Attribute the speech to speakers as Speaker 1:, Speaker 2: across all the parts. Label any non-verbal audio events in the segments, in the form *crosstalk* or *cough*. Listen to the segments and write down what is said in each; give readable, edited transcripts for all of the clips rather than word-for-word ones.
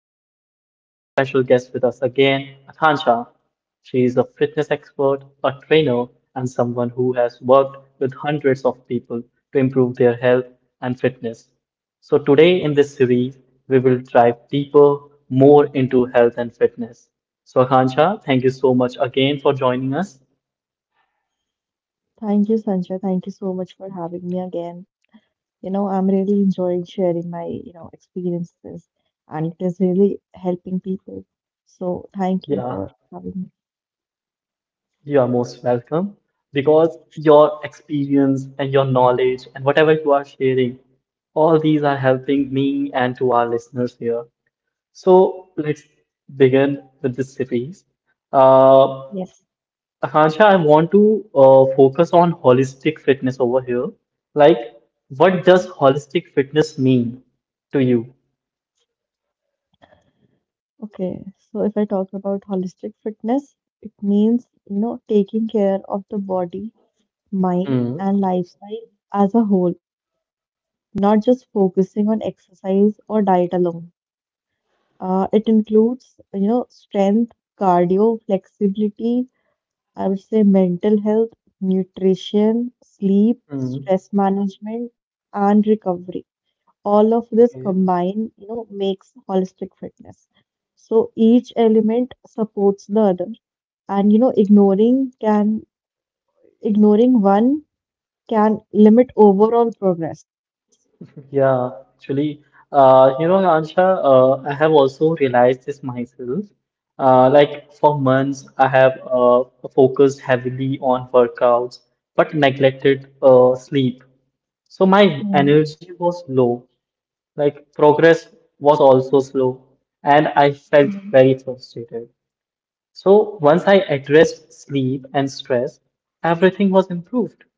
Speaker 1: with a very special guest with us again, Akansha. She is a fitness expert, a trainer, and someone who has worked with hundreds of people to improve their health and fitness. So, today in this series, we will dive deeper, more into health and fitness. So, Akansha, thank you so much again for joining us.
Speaker 2: Thank you, Sanjay. Thank you so much for having me again. I'm really enjoying sharing my experiences and it is really helping people. So thank you for
Speaker 1: Yeah,
Speaker 2: having me.
Speaker 1: you are most welcome because your experience and your knowledge and whatever you are sharing, all these are helping me and to our listeners here. So let's begin with this series. Uh,
Speaker 2: Yes.
Speaker 1: Akansha, I want to focus on holistic fitness over here. Like, what
Speaker 2: Okay.
Speaker 1: does holistic fitness mean to you?
Speaker 2: Okay, so if I talk about holistic fitness, it means, you know, taking care of the body, mind, and
Speaker 1: Mm,
Speaker 2: lifestyle as a whole, not just focusing on exercise or diet alone. It includes, you know, strength, cardio, flexibility, I would say mental health, nutrition, sleep,
Speaker 1: mm,
Speaker 2: stress management, and recovery. All of this
Speaker 1: okay.
Speaker 2: combined, you know, makes holistic fitness. So each element supports the other. And you know, ignoring one can limit overall progress.
Speaker 1: Yeah, actually, Ansha, I have also realized this myself. Like for months, I have focused heavily on workouts, but neglected sleep. So my
Speaker 2: Mhm.
Speaker 1: energy was low. Like progress was also slow, and I felt
Speaker 2: Mhm.
Speaker 1: very frustrated. So once I addressed sleep and stress, everything was improved.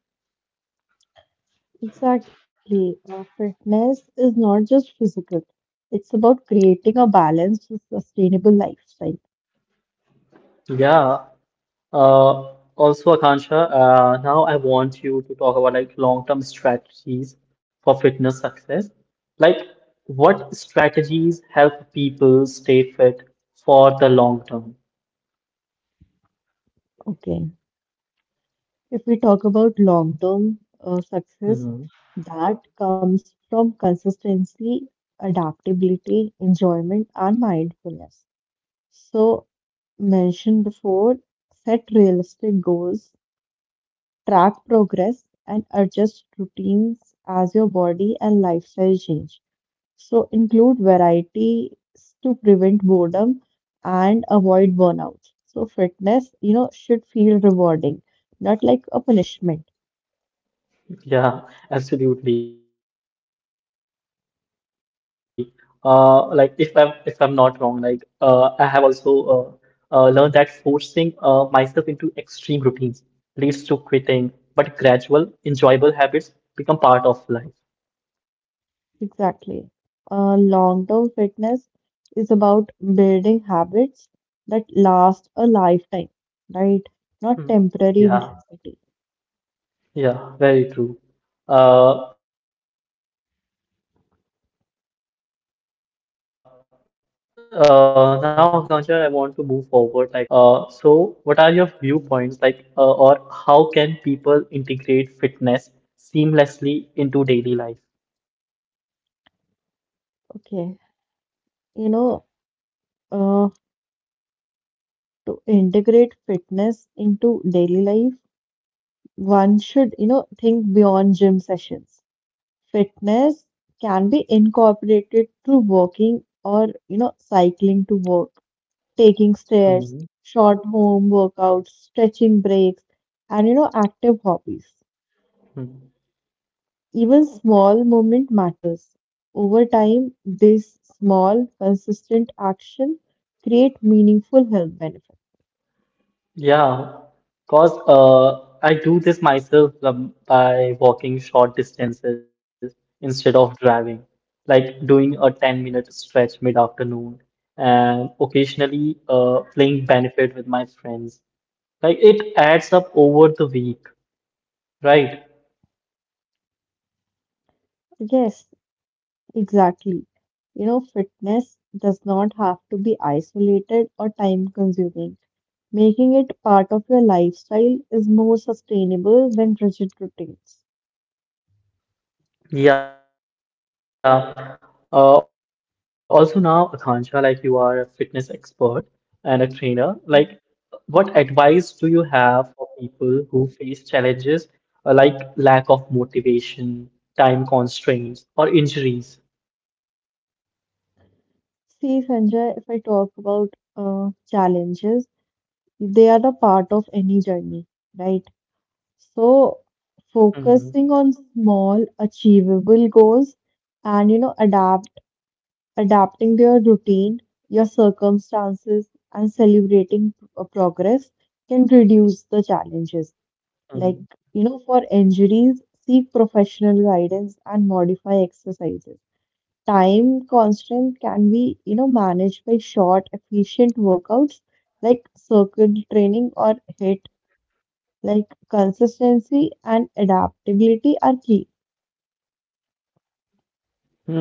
Speaker 2: Exactly. Fitness is not just physical. It's about creating a balanced, sustainable lifestyle.
Speaker 1: Yeah, also, Akansha, now I want you to talk about like long-term strategies for fitness success. Like, what strategies help people stay fit for the long term?
Speaker 2: Okay. If we talk about long-term success,
Speaker 1: Mhm.
Speaker 2: that comes from consistency, adaptability, enjoyment, and mindfulness. So, mentioned before, set realistic goals, track progress, and adjust routines as your body and lifestyle change. So, include variety to prevent boredom and avoid burnout. So, fitness, you know, should feel rewarding, not like a punishment.
Speaker 1: Yeah, absolutely. Like if I'm not wrong, like I have also uh, learned that forcing myself into extreme routines leads to quitting, but gradual, enjoyable habits become part of life.
Speaker 2: Exactly. Long-term fitness is about building habits that last a lifetime, right? Not
Speaker 1: Mm.
Speaker 2: temporary intensity.
Speaker 1: Yeah, yeah, very true. Uh, Now, Ganchar, I want to move forward like towards integrating fitness into daily life. So, what are your viewpoints like, or how can people integrate fitness seamlessly into daily life?
Speaker 2: Okay. You know, uh, to integrate fitness into daily life, one should, you know, think beyond gym sessions. Fitness can be incorporated through walking or, you know, cycling to work, taking
Speaker 1: Mm-hmm.
Speaker 2: stairs, short home workouts, stretching breaks, and you know, active hobbies. Even small movement matters. Over time, this small, consistent action create meaningful health benefits.
Speaker 1: Yeah, cause I do this myself by walking short distances instead of driving, like doing a 10-minute stretch mid-afternoon and occasionally playing benefit with my friends. Like it adds up over the week, right?
Speaker 2: Yes, exactly. You know, fitness does not have to be isolated or time consuming. Making it part of your lifestyle is more sustainable than rigid routines.
Speaker 1: Yeah. Also now, Akansha, like you are a fitness expert and a trainer, like what advice do you have for people who face challenges like lack of motivation, time constraints, or injuries?
Speaker 2: See, Sanjay, if I talk about challenges, they are the part of any journey, right? So,
Speaker 1: Hmm.
Speaker 2: focusing on small, achievable goals and, you know, adapting your routine, your circumstances, and celebrating progress can reduce the
Speaker 1: Hmm.
Speaker 2: challenges. Like, you know, for injuries, seek professional guidance and modify exercises, time constant can be, you know, managed by short, efficient workouts like circuit training or HIIT. Like consistency and adaptability are key.
Speaker 1: Hmm.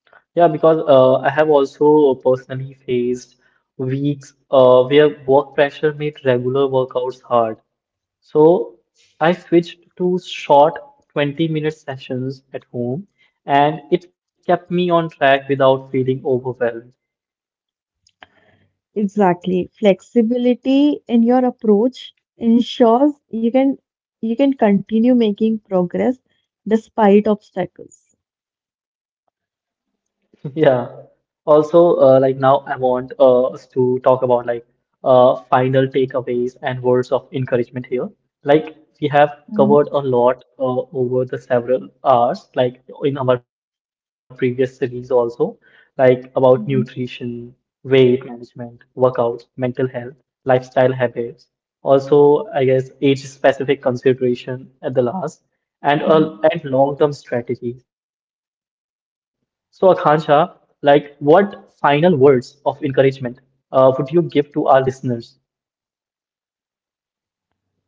Speaker 1: Yeah, because I have also personally faced weeks where work pressure made regular workouts hard. So I switched to short 20-minute sessions at home and it kept me on track without feeling overwhelmed.
Speaker 2: Exactly. Flexibility in your approach ensures you can continue making progress despite obstacles.
Speaker 1: Yeah. Also, like now I want us to talk about final takeaways and words of encouragement here. Like we
Speaker 2: Hmm.
Speaker 1: have covered a lot over the several hours, like in our previous series also, like about nutrition, weight management, workouts, mental health, lifestyle habits. Also, I guess age-specific consideration at the last
Speaker 2: Hmm.
Speaker 1: and long-term strategies. So, Akansha, like what final words of encouragement would you give to our listeners?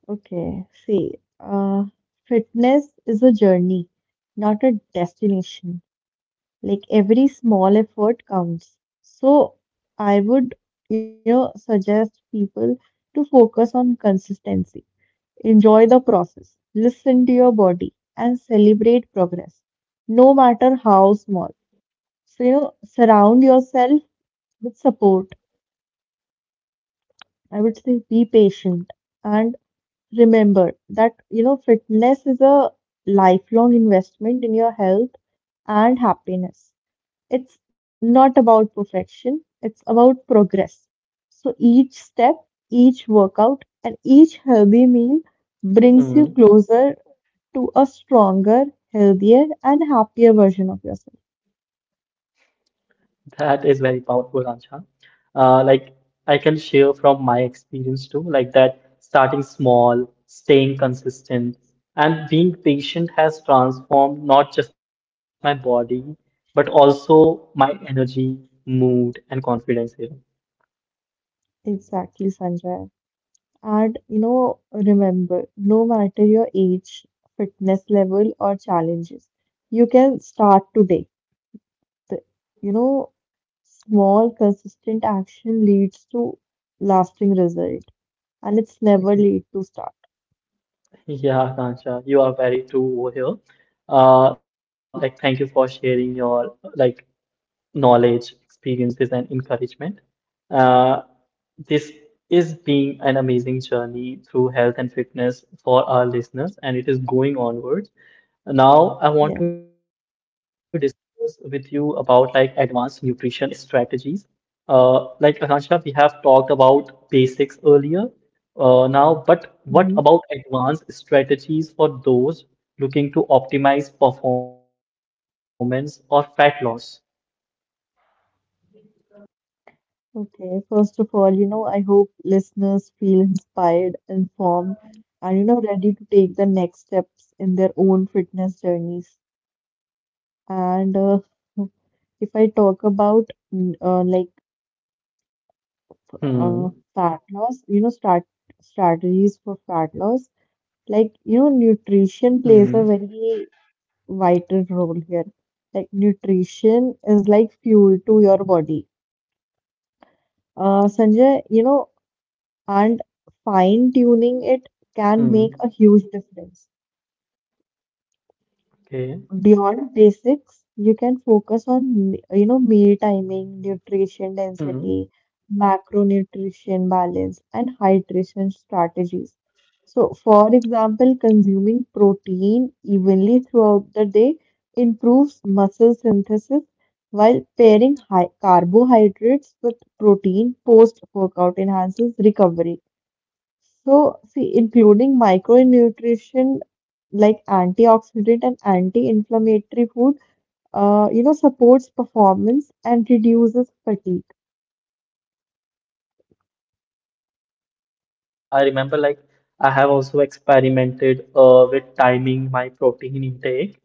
Speaker 2: Okay, see, uh, fitness is a journey, not a destination. Like every small effort counts. So I would, you know, suggest people to focus on consistency, enjoy the process, listen to your body, and celebrate progress, no matter how small. So, you know, surround yourself with support. I would say be patient and remember that, you know, fitness is a lifelong investment in your health and happiness. It's not about perfection, it's about progress. So each step, each workout, and each healthy meal brings you
Speaker 1: Hmm,
Speaker 2: closer to a stronger, healthier, and happier version of yourself.
Speaker 1: that is very powerful, Akansha. Like I can share from my experience too, like that starting small, staying consistent, and being patient has transformed not just my body, but also my energy, mood, and confidence here.
Speaker 2: Exactly, Sanjay. And you know, remember, no matter your age, fitness level, or challenges, you can start today. The- You know, small, consistent action leads to lasting results. And it's never late to start.
Speaker 1: Yeah, Akansha, you are very true over here. Like, thank you for sharing your like knowledge, experiences, and encouragement. Uh, this is being an amazing journey through health and fitness for our listeners, and it is going onwards. Now, I want
Speaker 2: Yeah.
Speaker 1: to discuss with you about like advanced nutrition strategies like Akansha, we have talked about basics earlier, now, but what
Speaker 2: Mhm.
Speaker 1: about advanced strategies for those looking to optimize performance or fat loss?
Speaker 2: Okay. First of all, you know, I hope listeners feel inspired, informed, and you know, ready to take the next steps in their own fitness journeys.
Speaker 1: Hmm,
Speaker 2: And if I talk about uh, fat loss, you know, start strategies for fat loss, like
Speaker 1: hmm,
Speaker 2: you know, nutrition plays a very vital role here. Like nutrition is like fuel to your body.
Speaker 1: hmm.
Speaker 2: Sanjay, you know, and fine tuning it can make a huge difference.
Speaker 1: Okay.
Speaker 2: Beyond basics, you can
Speaker 1: Hmm.
Speaker 2: focus on, you know, meal timing, nutrition density, macronutrition balance, and hydration strategies. So, for example, consuming protein evenly throughout the day improves muscle synthesis, while pairing high carbohydrates with protein post-workout enhances recovery. So, see, including micronutrition like antioxidant and anti-inflammatory food, you know, supports performance and reduces fatigue.
Speaker 1: Yeah, Akansha, like after hearing you, I remember like I have also experimented with timing my protein intake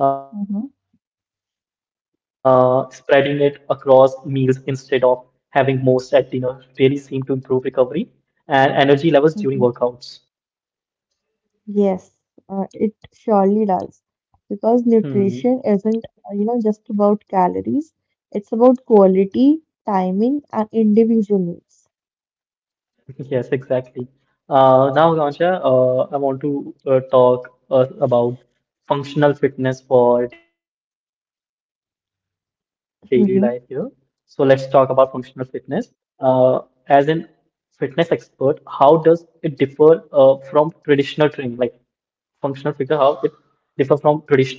Speaker 2: Mm-hmm.
Speaker 1: spreading it across meals instead of having most at dinner really seemed to improve recovery and energy levels during workouts.
Speaker 2: Mhm. Yes, it surely does. Because
Speaker 1: Hmm.
Speaker 2: nutrition isn't you know, just about calories. It's about
Speaker 1: Hmm.
Speaker 2: quality, timing, and individual needs.
Speaker 1: *laughs* Yes, exactly. Now, Ransha, I want to talk about functional fitness for daily life here. So let's talk about functional fitness.
Speaker 2: *laughs*
Speaker 1: Uh, as in fitness expert, how does it differ from traditional training? Like functional figure, how it differs from traditional training.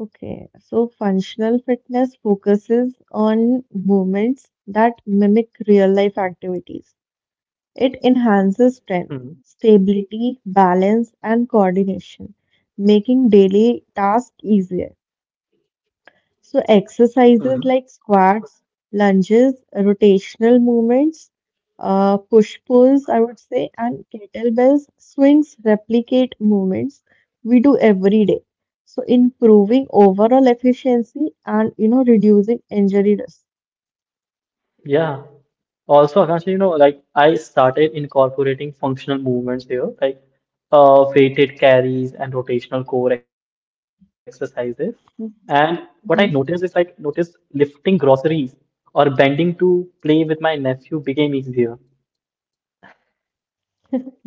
Speaker 2: Okay, so functional fitness focuses on movements that mimic real life activities. It
Speaker 1: Hmm.
Speaker 2: enhances strength, stability, balance, and coordination, making daily tasks easier. So,
Speaker 1: Hmm.
Speaker 2: exercises like squats, lunges, rotational movements, push pulls, I would say, and kettlebells, swings replicate movements we do every day. So, improving overall efficiency and you know, reducing injury risk.
Speaker 1: Yeah. Also, Akansha, you know, like I started incorporating functional movements here, like weighted carries and rotational core exercises. And what I noticed is like
Speaker 2: Mhm.
Speaker 1: noticed lifting groceries or bending to play with my nephew became easier.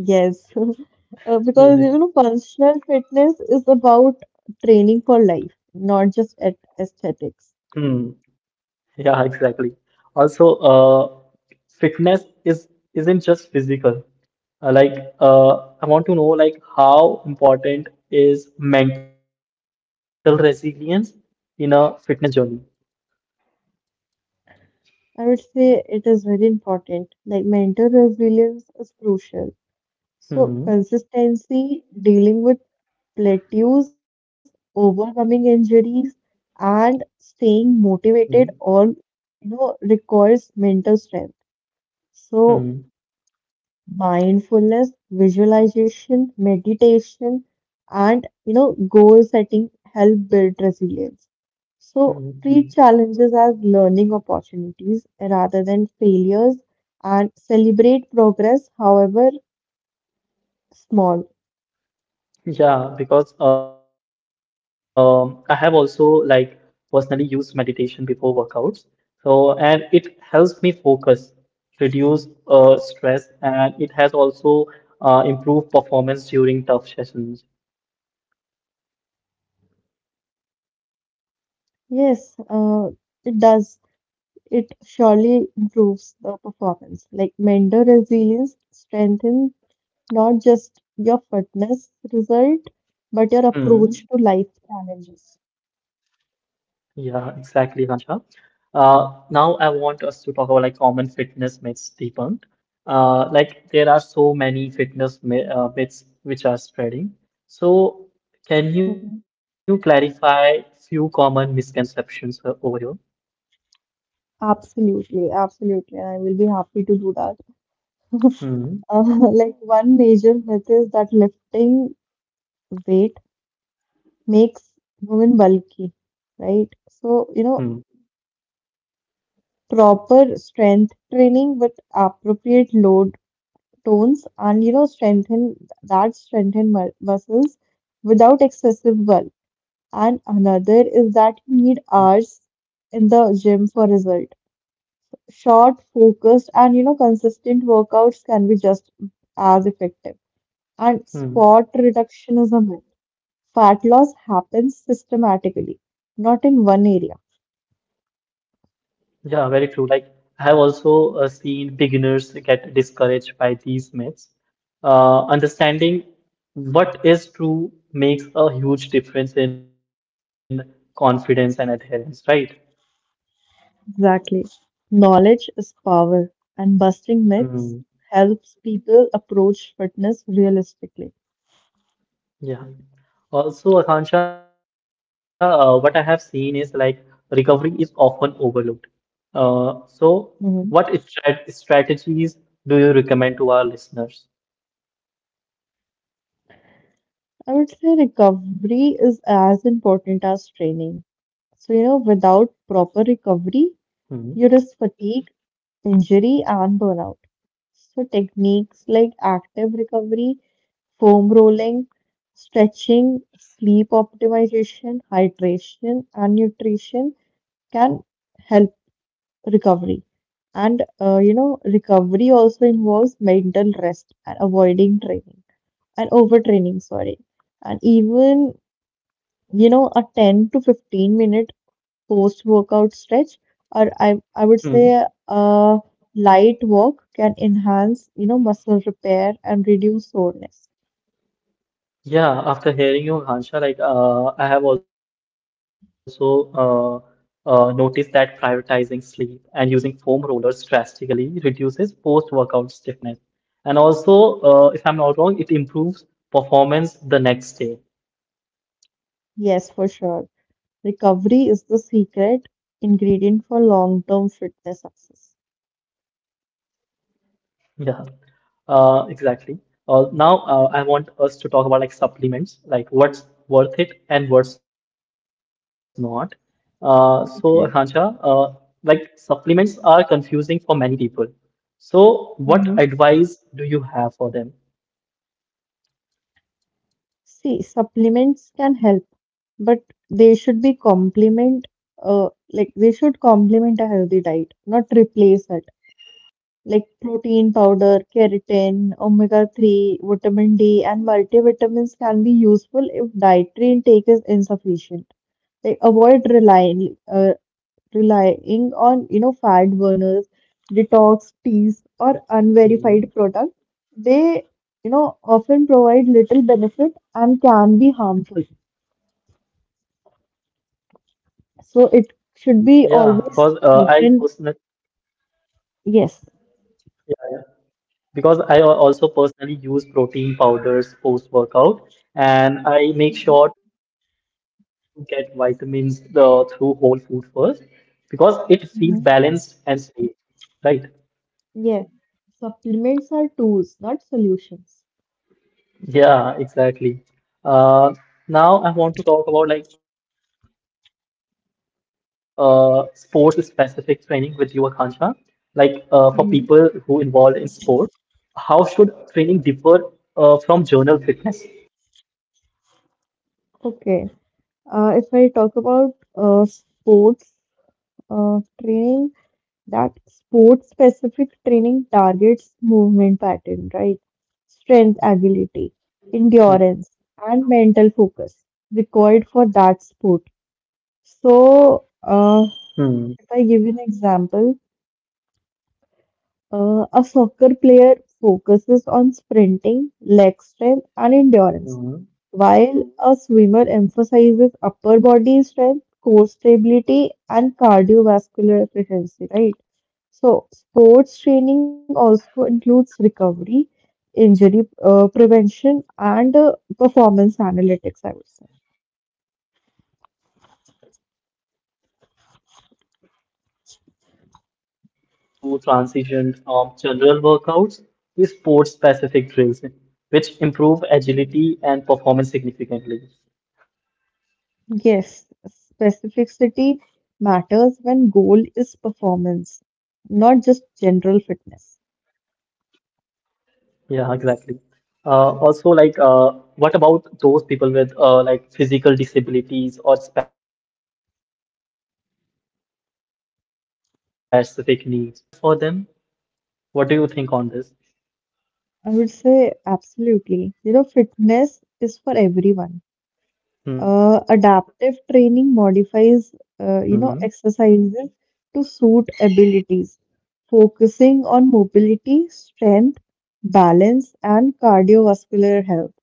Speaker 2: Yes. *laughs* Because
Speaker 1: Yes.
Speaker 2: you know, functional fitness is about training for life, not just at
Speaker 1: Hmm.
Speaker 2: aesthetics.
Speaker 1: Yeah, exactly. Also, uh, fitness is isn't just physical. Uh, like, I want to know like how important is mental resilience in a fitness journey?
Speaker 2: I would say it is very important. Like mental resilience is crucial. So
Speaker 1: Hmm.
Speaker 2: consistency, dealing with plateaus, overcoming injuries, and
Speaker 1: Hmm.
Speaker 2: staying motivated all you know requires mental strength.
Speaker 1: Hmm.
Speaker 2: So mindfulness, visualization, meditation, and you know, goal setting help build resilience. So
Speaker 1: Hmm. Hmm.
Speaker 2: treat challenges as learning opportunities rather than failures and celebrate progress, however small.
Speaker 1: Yeah, because I have also like personally used meditation before workouts. So, and it helps me focus, reduce stress, and it has also improved performance during tough sessions.
Speaker 2: Yes, it does. It surely improves the performance. Like mental resilience strengthens not just your fitness result, but your approach to life challenges.
Speaker 1: Yeah, exactly, Raja. Now I want us to talk about like common fitness myths debunked. Like there are so many fitness mi myths which are spreading. So can you
Speaker 2: Mhm.
Speaker 1: clarify few common misconceptions over here?
Speaker 2: Absolutely, absolutely. I will be happy to do that.
Speaker 1: Hmm,
Speaker 2: Uh, *laughs* like one major myth is that lifting weight makes women bulky, right?
Speaker 1: hmm,
Speaker 2: So, you know, proper strength training with appropriate load tones and, you know, strengthen muscles without excessive bulk. And another is that you need hours in the gym for result. Short, focused, and you know, consistent workouts can be just as effective. And
Speaker 1: hmm.
Speaker 2: spot reduction is a myth. Fat loss happens systematically, not in one area.
Speaker 1: Yeah, very true. Like I have also seen beginners get discouraged by these myths. Understanding what is true makes a huge difference in confidence and adherence, right?
Speaker 2: Exactly. Knowledge is power, and busting
Speaker 1: Mm,
Speaker 2: myths helps people approach fitness realistically.
Speaker 1: yeah. Also, Akansha, what I have seen is like recovery is often overlooked. So, what
Speaker 2: Mhm.
Speaker 1: strategies do you recommend to our listeners?
Speaker 2: I would say recovery is as important as training. So, you know, without proper recovery, you risk fatigue, injury, and burnout. So, techniques like active recovery, foam rolling, stretching, sleep optimization, hydration, and nutrition can help recovery. And you know, recovery also involves mental rest and avoiding training and overtraining, sorry. And even you know, a 10 to 15 minute post-workout stretch, or I
Speaker 1: Hmm.
Speaker 2: would say a light walk can enhance, you know, muscle repair and reduce soreness.
Speaker 1: Yeah, after hearing you, Hansha, like I have also noticed that prioritizing sleep and using foam rollers drastically reduces post-workout stiffness. And also, if I'm not wrong, it improves performance the next day.
Speaker 2: Yes, for sure. Recovery is the secret ingredient for long-term fitness success.
Speaker 1: Yeah. Exactly. Now, I want us to talk about like supplements, like what's worth it and what's not. So, Akansha,
Speaker 2: Okay.
Speaker 1: like supplements are confusing for many people. So, what
Speaker 2: Mhm.
Speaker 1: advice do you have for them?
Speaker 2: See, supplements can help, but they should be complement, uh, they should complement a healthy diet, not replace it. Like protein powder, keratin, omega 3, vitamin D, and multivitamins can be useful if dietary intake is insufficient. Like avoid relying on you know fat burners, detox teas, or unverified
Speaker 1: Mm.
Speaker 2: products. They you know often provide little benefit and can be harmful.
Speaker 1: Yeah, because
Speaker 2: So it should be always taken. Yes.
Speaker 1: I also personally use protein powders post workout and I make sure
Speaker 2: Mm-hmm.
Speaker 1: to get vitamins the through whole food first because it feels balanced and
Speaker 2: Mm-hmm.
Speaker 1: safe, right?
Speaker 2: Yeah, supplements are tools, not solutions.
Speaker 1: Yeah, exactly. Uh, Now I want to talk about sports specific training with you, Akansha. Like for people who involved in
Speaker 2: Mhm.
Speaker 1: sports, how should training differ from general fitness?
Speaker 2: Okay. If I talk about sports training, that sports specific training targets movement pattern, right? Strength, agility, endurance, and mental focus required for that sport.
Speaker 1: Hmm.
Speaker 2: So, if I give you an example, a soccer player focuses on sprinting, leg strength, and endurance.
Speaker 1: Hmm.
Speaker 2: While a swimmer emphasizes upper body strength, core stability, and cardiovascular efficiency, right? So, sports training also includes recovery, injury prevention, and performance analytics, I would say.
Speaker 1: Okay, yeah, because I have also seen friends who transitioned from general workouts to sports specific drills, which improve agility and performance significantly.
Speaker 2: Yes, specificity matters when goal is performance, not just general fitness.
Speaker 1: Yeah, exactly. Uh, also, like, uh, what about those people with like physical disabilities or specific needs, sorry, special needs? Can fitness be adapted for them? What do you think on this?
Speaker 2: I would say absolutely. You know, fitness is for everyone.
Speaker 1: Hmm.
Speaker 2: Adaptive training modifies, you know, exercises to suit abilities, focusing on mobility, strength, balance, and cardiovascular health.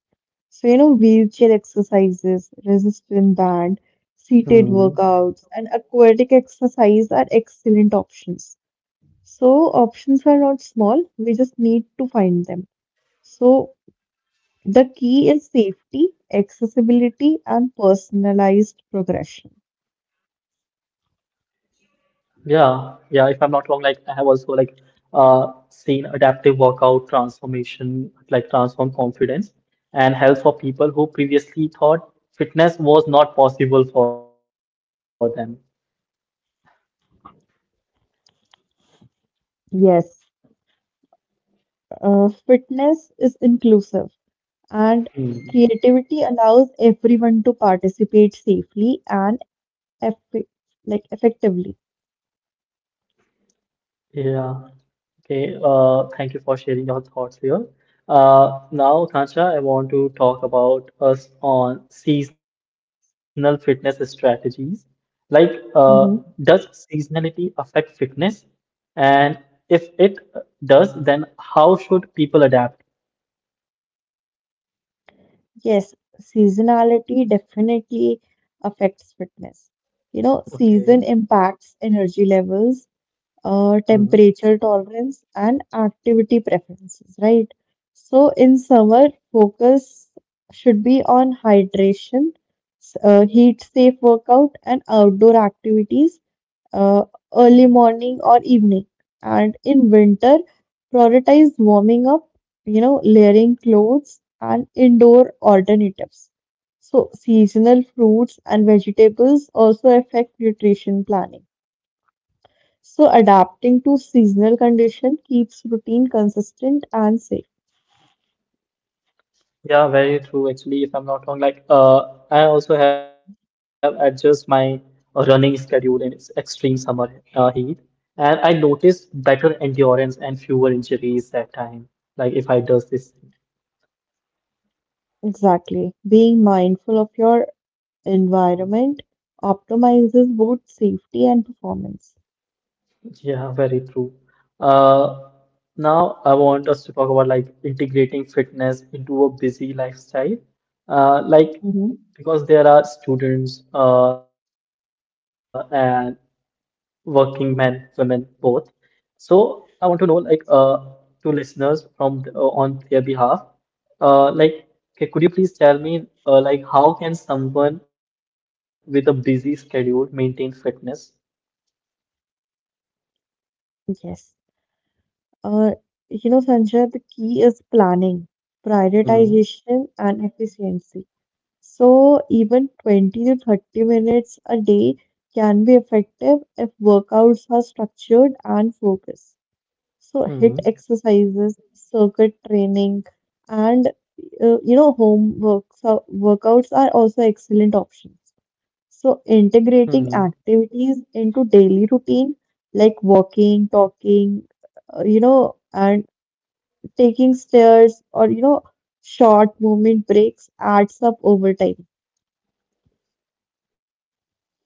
Speaker 2: So, you know, wheelchair exercises, resistance band, seated
Speaker 1: Hmm.
Speaker 2: workouts, and aquatic exercise are excellent options. So, options are not small, we just need to find them. So, the key is safety, accessibility, and personalized progression.
Speaker 1: Yeah, yeah, if I'm not wrong, like I have also like seen adaptive workout transformation like transform confidence and health for people who previously thought fitness was not possible for them.
Speaker 2: Yes, fitness is inclusive, and
Speaker 1: Hmm.
Speaker 2: creativity allows everyone to participate safely and effi- effectively.
Speaker 1: Yeah. Okay, thank you for sharing your thoughts here. Now, Kancha, I want to talk about us on seasonal fitness strategies. Like, uh, does
Speaker 2: Mhm.
Speaker 1: seasonality affect fitness? And if it does, then how should people adapt?
Speaker 2: Yes, seasonality definitely affects fitness. You know, season
Speaker 1: Okay.
Speaker 2: impacts energy levels,
Speaker 1: Mm-hmm.
Speaker 2: temperature tolerance, and activity preferences, right? So, in summer, focus should be on hydration, heat safe workout, and outdoor activities uh, early morning or evening. And in winter, prioritize warming up, you know, layering clothes and indoor alternatives. So, seasonal fruits and vegetables also affect nutrition planning. So, adapting to seasonal condition keeps routine consistent and safe.
Speaker 1: Yeah, very true. Actually, if I'm not wrong, like I also have adjust my running schedule in its extreme summer heat, and I noticed better endurance and fewer injuries that time. Like if I does this,
Speaker 2: Exactly. Being mindful of your environment optimizes both safety and performance.
Speaker 1: *laughs* yeah, very true. Uh, Now I want us to talk about like integrating fitness into a busy lifestyle. Like
Speaker 2: Hmm.
Speaker 1: because there are students and working men, women, both. So I want to know, like, to listeners from on their behalf, uh, like, okay, could you please tell me, how can someone with a busy schedule maintain fitness?
Speaker 2: Yes. Uh, you know, Sanjay, the key is planning,
Speaker 1: Hmm.
Speaker 2: prioritization, and efficiency. So, even 20 to 30 minutes a day can be effective if workouts are structured and focused. So, HIIT
Speaker 1: Hmm.
Speaker 2: exercises, circuit training, and you know, home works workouts are also excellent options. So, integrating activities into daily routine like walking, talking, you know, and taking stairs or, you know, short movement breaks adds up over time.
Speaker 1: Yeah, like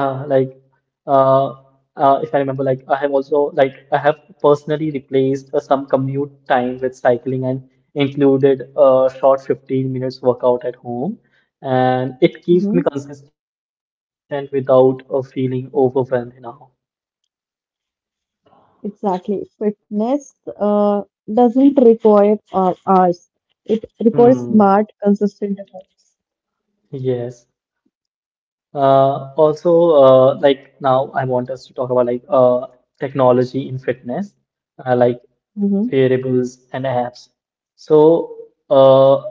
Speaker 1: uh, if I remember, like, I have personally replaced some commute time with cycling and included a short 15 minutes workout at home, and it
Speaker 2: Hmm.
Speaker 1: keeps me consistent without feeling overwhelmed now.
Speaker 2: Exactly. Fitness doesn't require hours. It requires smart,
Speaker 1: Hmm.
Speaker 2: consistent efforts.
Speaker 1: Yes. Also, like now I want us to talk about technology in fitness. Like
Speaker 2: Mm-hmm.
Speaker 1: variables and apps. So, uh,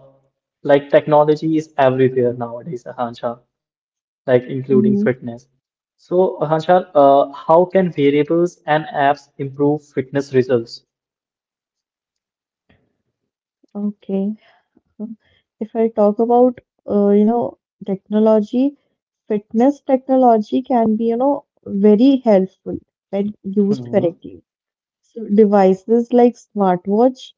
Speaker 1: like technology is everywhere nowadays, Ahansha, like including fitness.
Speaker 2: Mm-hmm.
Speaker 1: So, Ahansha, how can variables and apps improve fitness results?
Speaker 2: Okay. If I talk about, you know, technology, fitness technology can be, you know, very helpful when used
Speaker 1: Hmm.
Speaker 2: correctly. So devices like smartwatch,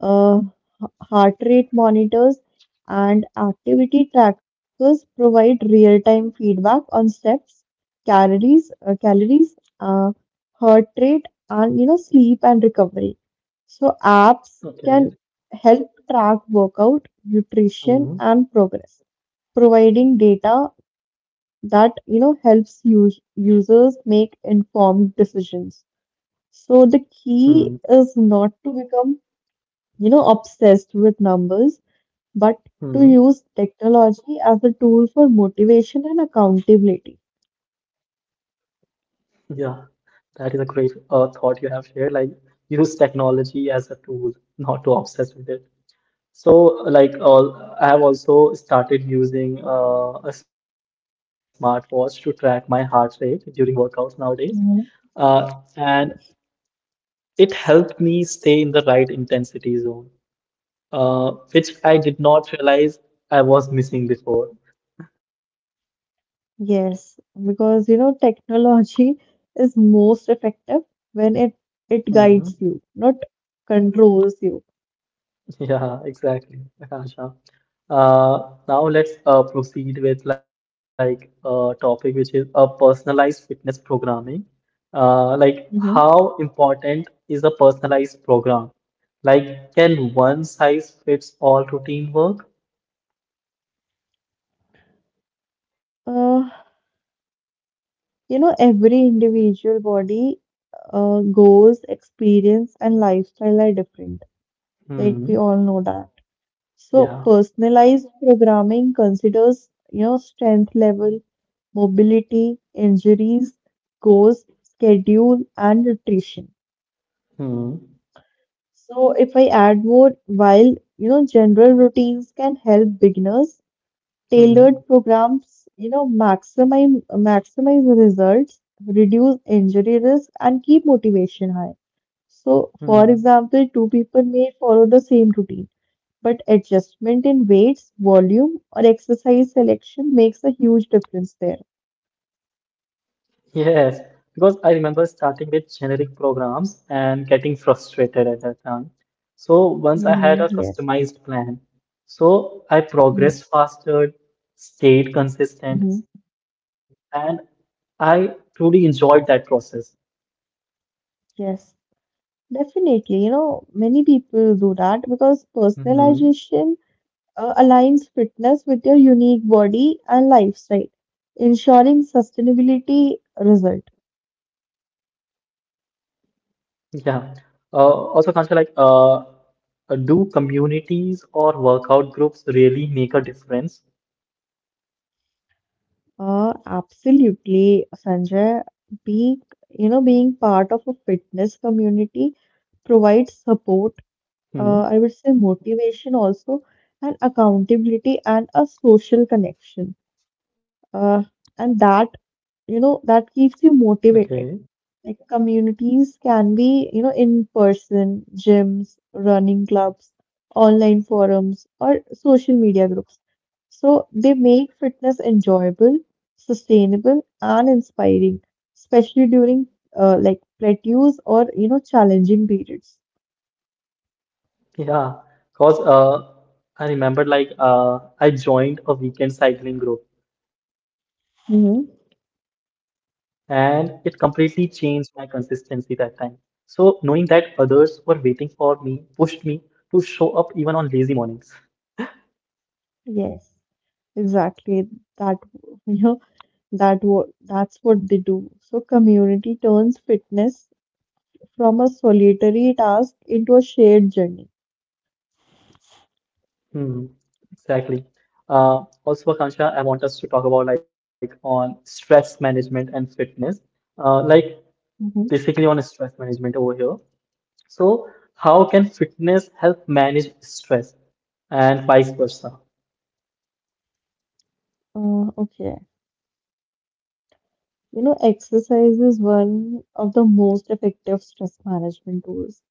Speaker 2: uh, heart rate monitors, and activity trackers provide real-time feedback on steps, calories, uh, heart rate, and you know sleep and recovery. So apps
Speaker 1: Okay.
Speaker 2: can help track workout, nutrition,
Speaker 1: Hmm.
Speaker 2: and progress, providing data that you know helps us users make informed decisions. So
Speaker 1: Hmm.
Speaker 2: the key is not to become obsessed with numbers, but to
Speaker 1: Hmm.
Speaker 2: use technology as a tool for motivation and accountability.
Speaker 1: Yeah, that is a great thought you have shared. Like, use technology as a tool, not to obsess with it. So, like all, I have also started using a smartwatch to track my heart rate during workouts nowadays.
Speaker 2: Mhm.
Speaker 1: Uh, and it helped me stay in the right intensity zone, which I did not realize I was missing before.
Speaker 2: Yes, because technology is most effective when it guides you, not controls you.
Speaker 1: *laughs* Yeah, exactly, Akansha. Now let's proceed with like a topic which is a personalized fitness programming. Like how
Speaker 2: Mhm.
Speaker 1: important is a personalized program? Like can one size fits all routine work?
Speaker 2: Uh, every individual body, goals, experience, and lifestyle are different, right? We
Speaker 1: Hmm.
Speaker 2: all know that. So,
Speaker 1: Yeah.
Speaker 2: personalized programming considers, strength level, mobility, injuries, goals, schedule, and nutrition.
Speaker 1: Hmm.
Speaker 2: So, if I add more, while general routines can help beginners, tailored
Speaker 1: Hmm.
Speaker 2: programs, maximize results, reduce injury risk, and keep motivation high. So, for
Speaker 1: Hmm.
Speaker 2: example, two people may follow the same routine, but adjustment in weights, volume, or exercise selection makes a huge difference there.
Speaker 1: Yes, because I remember starting with generic programs and getting frustrated at that time. So once I had a
Speaker 2: Hmm. Yes.
Speaker 1: customized plan, so I progressed
Speaker 2: Yes.
Speaker 1: faster, stayed consistent,
Speaker 2: Mhm.
Speaker 1: and I truly enjoyed that process.
Speaker 2: Yes, definitely. You know, many people do that because
Speaker 1: Mhm.
Speaker 2: personalization aligns fitness with your unique body and lifestyle, ensuring sustainability result.
Speaker 1: Yeah. Uh, also, Kancha, do communities or workout groups really make a difference?
Speaker 2: Absolutely, Sanjay. Being, being part of a fitness community provides
Speaker 1: Hmm.
Speaker 2: support, I would say motivation also, and accountability and a social connection. Uh,
Speaker 1: Okay.
Speaker 2: and that, that keeps you motivated. Like communities can be, in person, gyms, running clubs, online forums, or social media groups. So they make fitness enjoyable, sustainable, and inspiring, especially during like plateaus or, challenging periods.
Speaker 1: Yeah, cause I remember like I joined a weekend cycling group, and it completely
Speaker 2: Hmm.
Speaker 1: changed my consistency that time. So knowing that others were waiting for me pushed me to show up even on lazy mornings.
Speaker 2: Yes, exactly. That, you know, that what that's what they do. So community turns fitness from a solitary task into a shared journey.
Speaker 1: Hmm, exactly. Also, Akansha, I want us to talk about like on stress management and fitness. Like basically on stress management over here. So, how can fitness help manage stress and vice versa?
Speaker 2: Uh, okay. You know, exercise is one of the most effective stress management tools.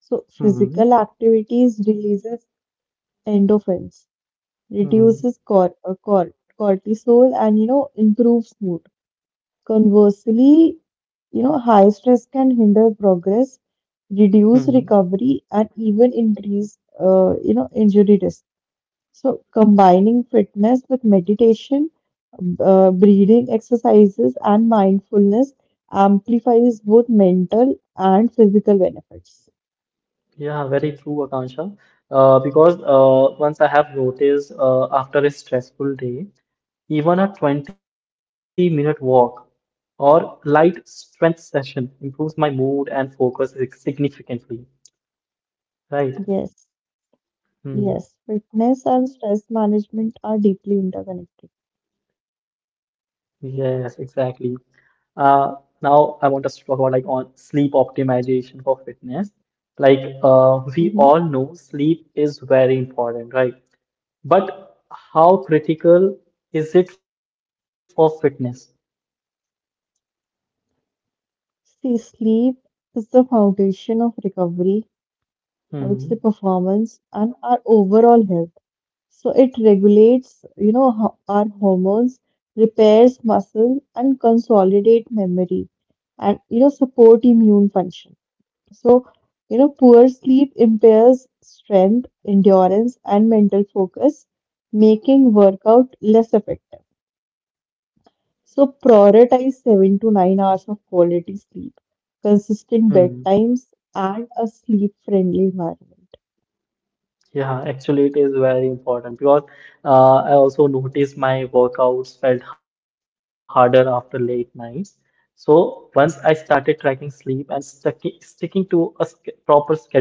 Speaker 2: So,
Speaker 1: Hmm.
Speaker 2: physical activities releases endorphins,
Speaker 1: Hmm.
Speaker 2: reduces cortisol, and improves mood. Conversely, high stress can hinder progress, reduce
Speaker 1: Hmm.
Speaker 2: recovery, and even increase, injury risk. So, combining fitness with meditation breathing exercises and mindfulness amplifies both mental and physical benefits.
Speaker 1: Yeah, very true, Akansha. Because once I have noticed after a stressful day, even a 20-minute walk or light strength session improves my mood and focus significantly, right?
Speaker 2: Yes,
Speaker 1: Hmm.
Speaker 2: yes, fitness and stress management are deeply interconnected.
Speaker 1: Yes, exactly. Uh, Now I want us to talk about like on sleep optimization for fitness. Like we all
Speaker 2: Mhm.
Speaker 1: know sleep is very important, right? But how critical is it for fitness?
Speaker 2: See, sleep is the foundation of recovery, I would say
Speaker 1: Hmm.
Speaker 2: performance, and our overall health. So it regulates, our hormones, repairs muscle, and consolidate memory, and support immune function. So, poor sleep impairs strength, endurance, and mental focus, making workout less effective. So, prioritize 7 to 9 hours of quality sleep, consistent
Speaker 1: Hmm.
Speaker 2: bedtimes, and a sleep friendly environment.
Speaker 1: Yeah, actually, it is very important because I also noticed my workouts felt harder after late nights. So once I started tracking sleep and sticking to a proper schedule,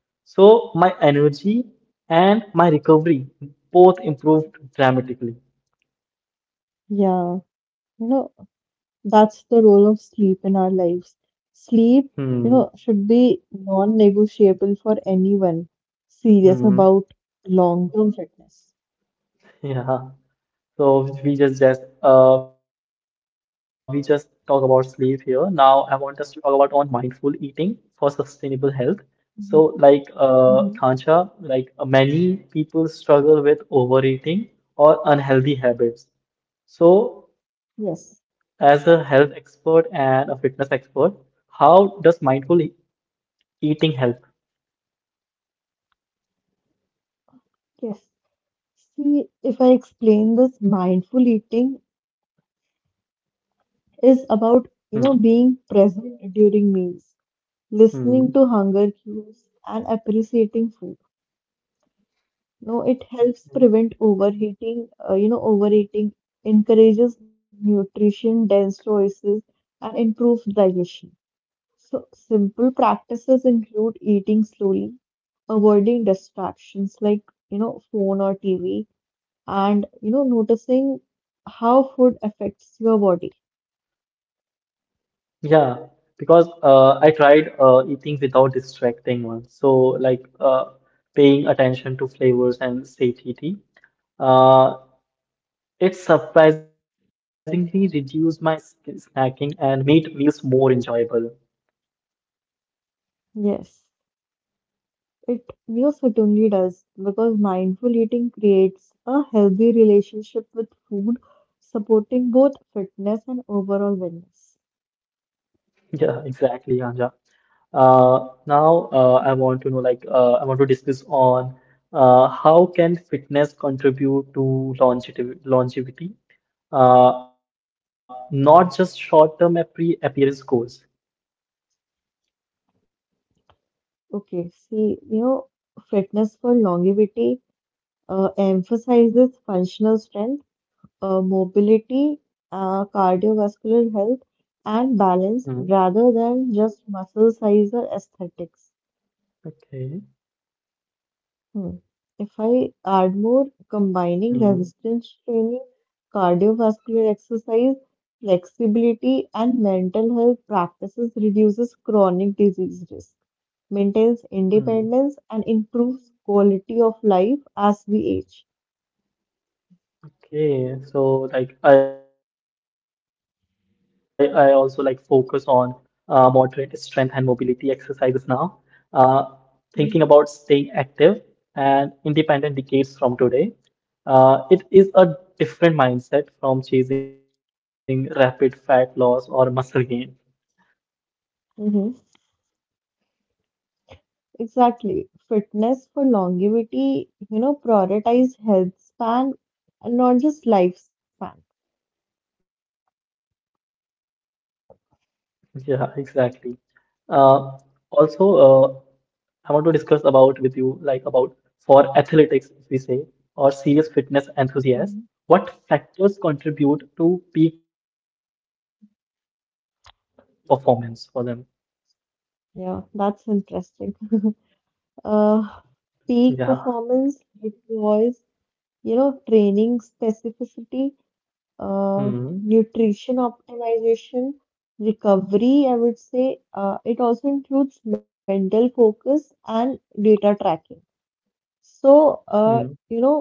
Speaker 1: so my energy and my recovery both improved dramatically.
Speaker 2: Yeah, you know, that's the role of sleep in our lives. Sleep,
Speaker 1: Hmm.
Speaker 2: should be non negotiable for anyone serious
Speaker 1: Hmm.
Speaker 2: about long term fitness.
Speaker 1: Yeah. So we just talk about sleep here. Now I want us to talk about on mindful eating for sustainable health. So
Speaker 2: Mhm.
Speaker 1: like
Speaker 2: Mhm.
Speaker 1: Kancha, like many people struggle with overeating or unhealthy habits. So as a
Speaker 2: Yes,
Speaker 1: health expert and a fitness expert, how does eating help?
Speaker 2: yes. See, if I explain this, mindful eating is about,
Speaker 1: Hmm.
Speaker 2: being present during meals,
Speaker 1: Hmm.
Speaker 2: listening to hunger cues, and appreciating food. No, it helps prevent overeating, encourages nutrition dense choices, and improves digestion. So, simple practices include eating slowly, avoiding distractions like, phone or TV, and noticing how food affects your body.
Speaker 1: Yeah, because I tried eating without distracting once. So, like paying attention to flavors and satiety. Uh, it surprisingly reduced my snacking and made meals more enjoyable.
Speaker 2: Yes, it certainly does because mindful eating creates a healthy relationship with food, supporting both fitness and overall wellness.
Speaker 1: Yeah, exactly, Anja. Now I want to know, like, I want to discuss on how can fitness contribute to longevity, longevity? Not just short-term appearance goals.
Speaker 2: Okay, see, fitness for longevity emphasizes functional strength, mobility, cardiovascular health, and
Speaker 1: Mm,
Speaker 2: balance rather than just muscle size or aesthetics.
Speaker 1: okay.
Speaker 2: Hmm. If I add more, combining
Speaker 1: Mm,
Speaker 2: resistance training, cardiovascular exercise, flexibility, and mental health practices reduces chronic disease risk, maintains
Speaker 1: mm.
Speaker 2: independence, and improves quality of life as we age.
Speaker 1: Okay. So like I also like focus on moderate strength and mobility exercises now. Uh, Thinking about staying
Speaker 2: Mhm.
Speaker 1: active and independent decades from today. It is a different mindset from chasing rapid fat loss or muscle gain.
Speaker 2: Hmm. Exactly. Fitness for longevity, prioritize health span and not just lifespan.
Speaker 1: Yeah, exactly. Uh, also, I want to discuss about with you like about for athletics, if we say, or serious fitness enthusiasts, what
Speaker 2: Mhm.
Speaker 1: factors contribute to peak performance for them?
Speaker 2: Yeah, that's interesting. Uh,
Speaker 1: Yeah.
Speaker 2: peak performance requires, training specificity, uh,
Speaker 1: Hmm.
Speaker 2: nutrition optimization, recovery, I would say. It also includes mental focus and data tracking. So,
Speaker 1: Hmm.
Speaker 2: uh, you know,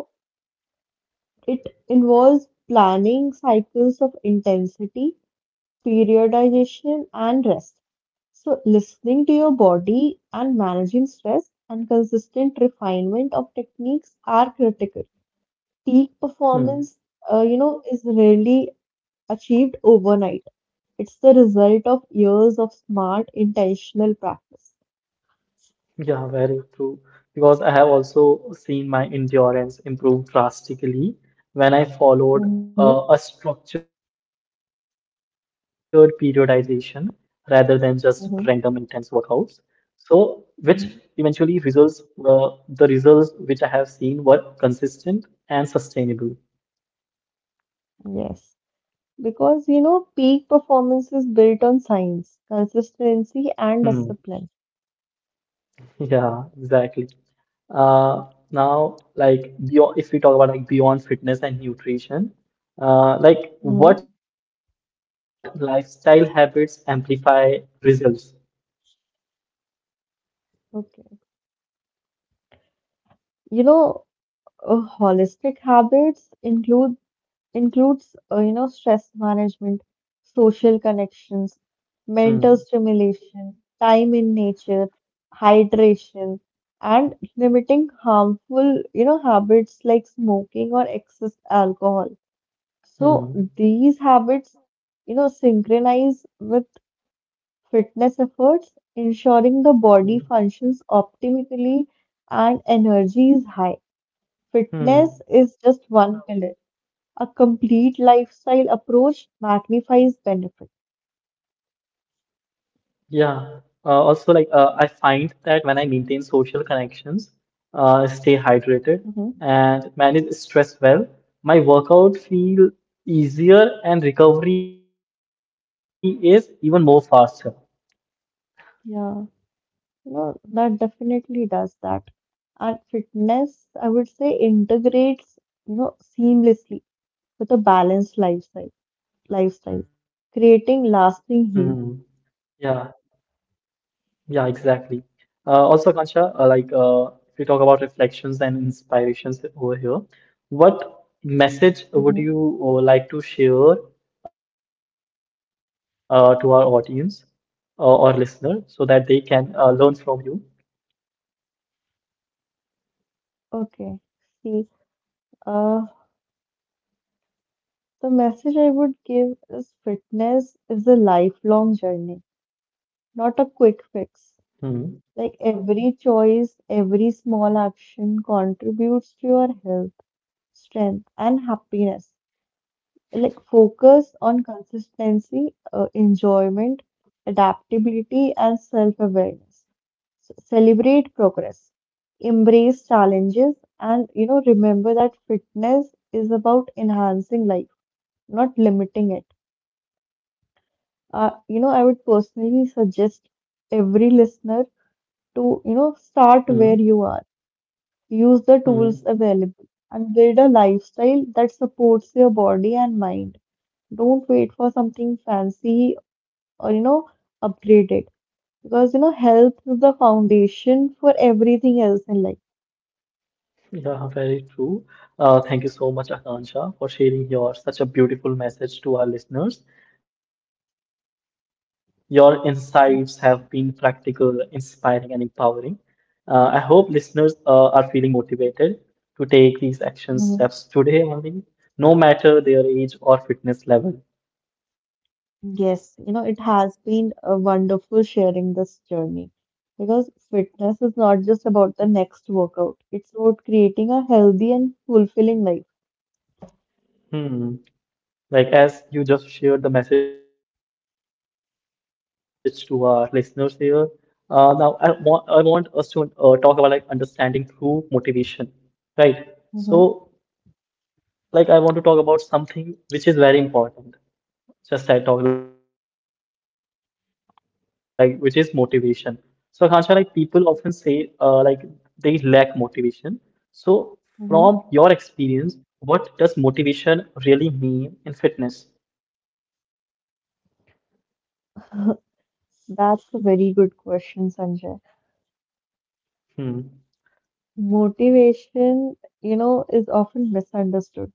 Speaker 2: it involves planning cycles of intensity periodization, and rest. So, listening to your body and managing stress and consistent refinement of techniques are critical. Peak
Speaker 1: Hmm.
Speaker 2: performance, is rarely achieved overnight. It's the result of years of smart, intentional practice.
Speaker 1: Yeah, very true. Because I have also seen my endurance improve drastically when I followed
Speaker 2: Mhm,
Speaker 1: a structured periodization rather than just random intense workouts.
Speaker 2: mhm,
Speaker 1: So, which eventually
Speaker 2: mhm.
Speaker 1: results, the results which I have seen were consistent and sustainable.
Speaker 2: Yes, because peak performance is built on science, consistency,
Speaker 1: Hmm. *laughs*
Speaker 2: and discipline.
Speaker 1: Yeah, exactly. Uh, now, beyond, if we talk about like beyond fitness and nutrition, like what
Speaker 2: Mhm.
Speaker 1: lifestyle habits amplify results?
Speaker 2: Okay. You know, holistic habits include includes stress management, social
Speaker 1: Hmm.
Speaker 2: connections, mental stimulation, time in nature, hydration, and limiting harmful habits like smoking or excess alcohol.
Speaker 1: Hmm.
Speaker 2: So these habits, synchronize with fitness efforts, ensuring the
Speaker 1: Hmm.
Speaker 2: body functions optimally and energy is high. Fitness
Speaker 1: Hmm.
Speaker 2: is just one pillar. A complete lifestyle approach magnifies benefit.
Speaker 1: Yeah. Also, I find that when I maintain social connections, stay hydrated,
Speaker 2: Mm-hmm.
Speaker 1: and manage stress well, my workout feel easier and recovery is even more faster.
Speaker 2: Yeah, no, that definitely does that. And fitness, I would say, integrates, seamlessly with a balanced lifestyle,
Speaker 1: Hmm.
Speaker 2: creating
Speaker 1: Yeah.
Speaker 2: lasting health.
Speaker 1: Yeah, exactly. Uh, also, Akansha, like if we talk about reflections and inspirations over here, what message would
Speaker 2: Hmm.
Speaker 1: you like to share to our audience or listener so that they can learn from you?
Speaker 2: Okay. See, uh, the message I would give is fitness is a lifelong journey, not
Speaker 1: Hmm.
Speaker 2: a quick fix. Like every choice, every small action contributes to your health, strength, and happiness. Like focus on consistency, enjoyment, adaptability, and self-awareness. Celebrate progress, embrace challenges, and remember that fitness is about enhancing life, not limiting it. I would personally suggest every listener to
Speaker 1: Hmm.
Speaker 2: start where you are. Use the
Speaker 1: Hmm.
Speaker 2: tools available and build a lifestyle that supports your body and mind. Don't wait for something fancy or upgraded, because health is the foundation for everything else in life.
Speaker 1: Yeah, very true. Thank you so much, Akansha, for sharing your such a beautiful message to our listeners. Your insights have been practical, inspiring, and empowering. I hope listeners are feeling motivated to take these action steps
Speaker 2: Mhm.
Speaker 1: today only, no matter their age or fitness level.
Speaker 2: Yes, it has been a wonderful sharing this journey because fitness is not just about the next workout. It's about creating a healthy and fulfilling life.
Speaker 1: Hmm. Like as you just shared the message to our listeners here. Now I want us to talk about like understanding through motivation, right? So
Speaker 2: Hmm.
Speaker 1: like I want to talk about something which is very important. Just I talk like which is motivation. So Akansha, like people often say like they lack motivation. So from your experience,
Speaker 2: Hmm.
Speaker 1: what does motivation really mean in fitness?
Speaker 2: That's a very good question, Sanjay.
Speaker 1: Hmm.
Speaker 2: Motivation, is often misunderstood.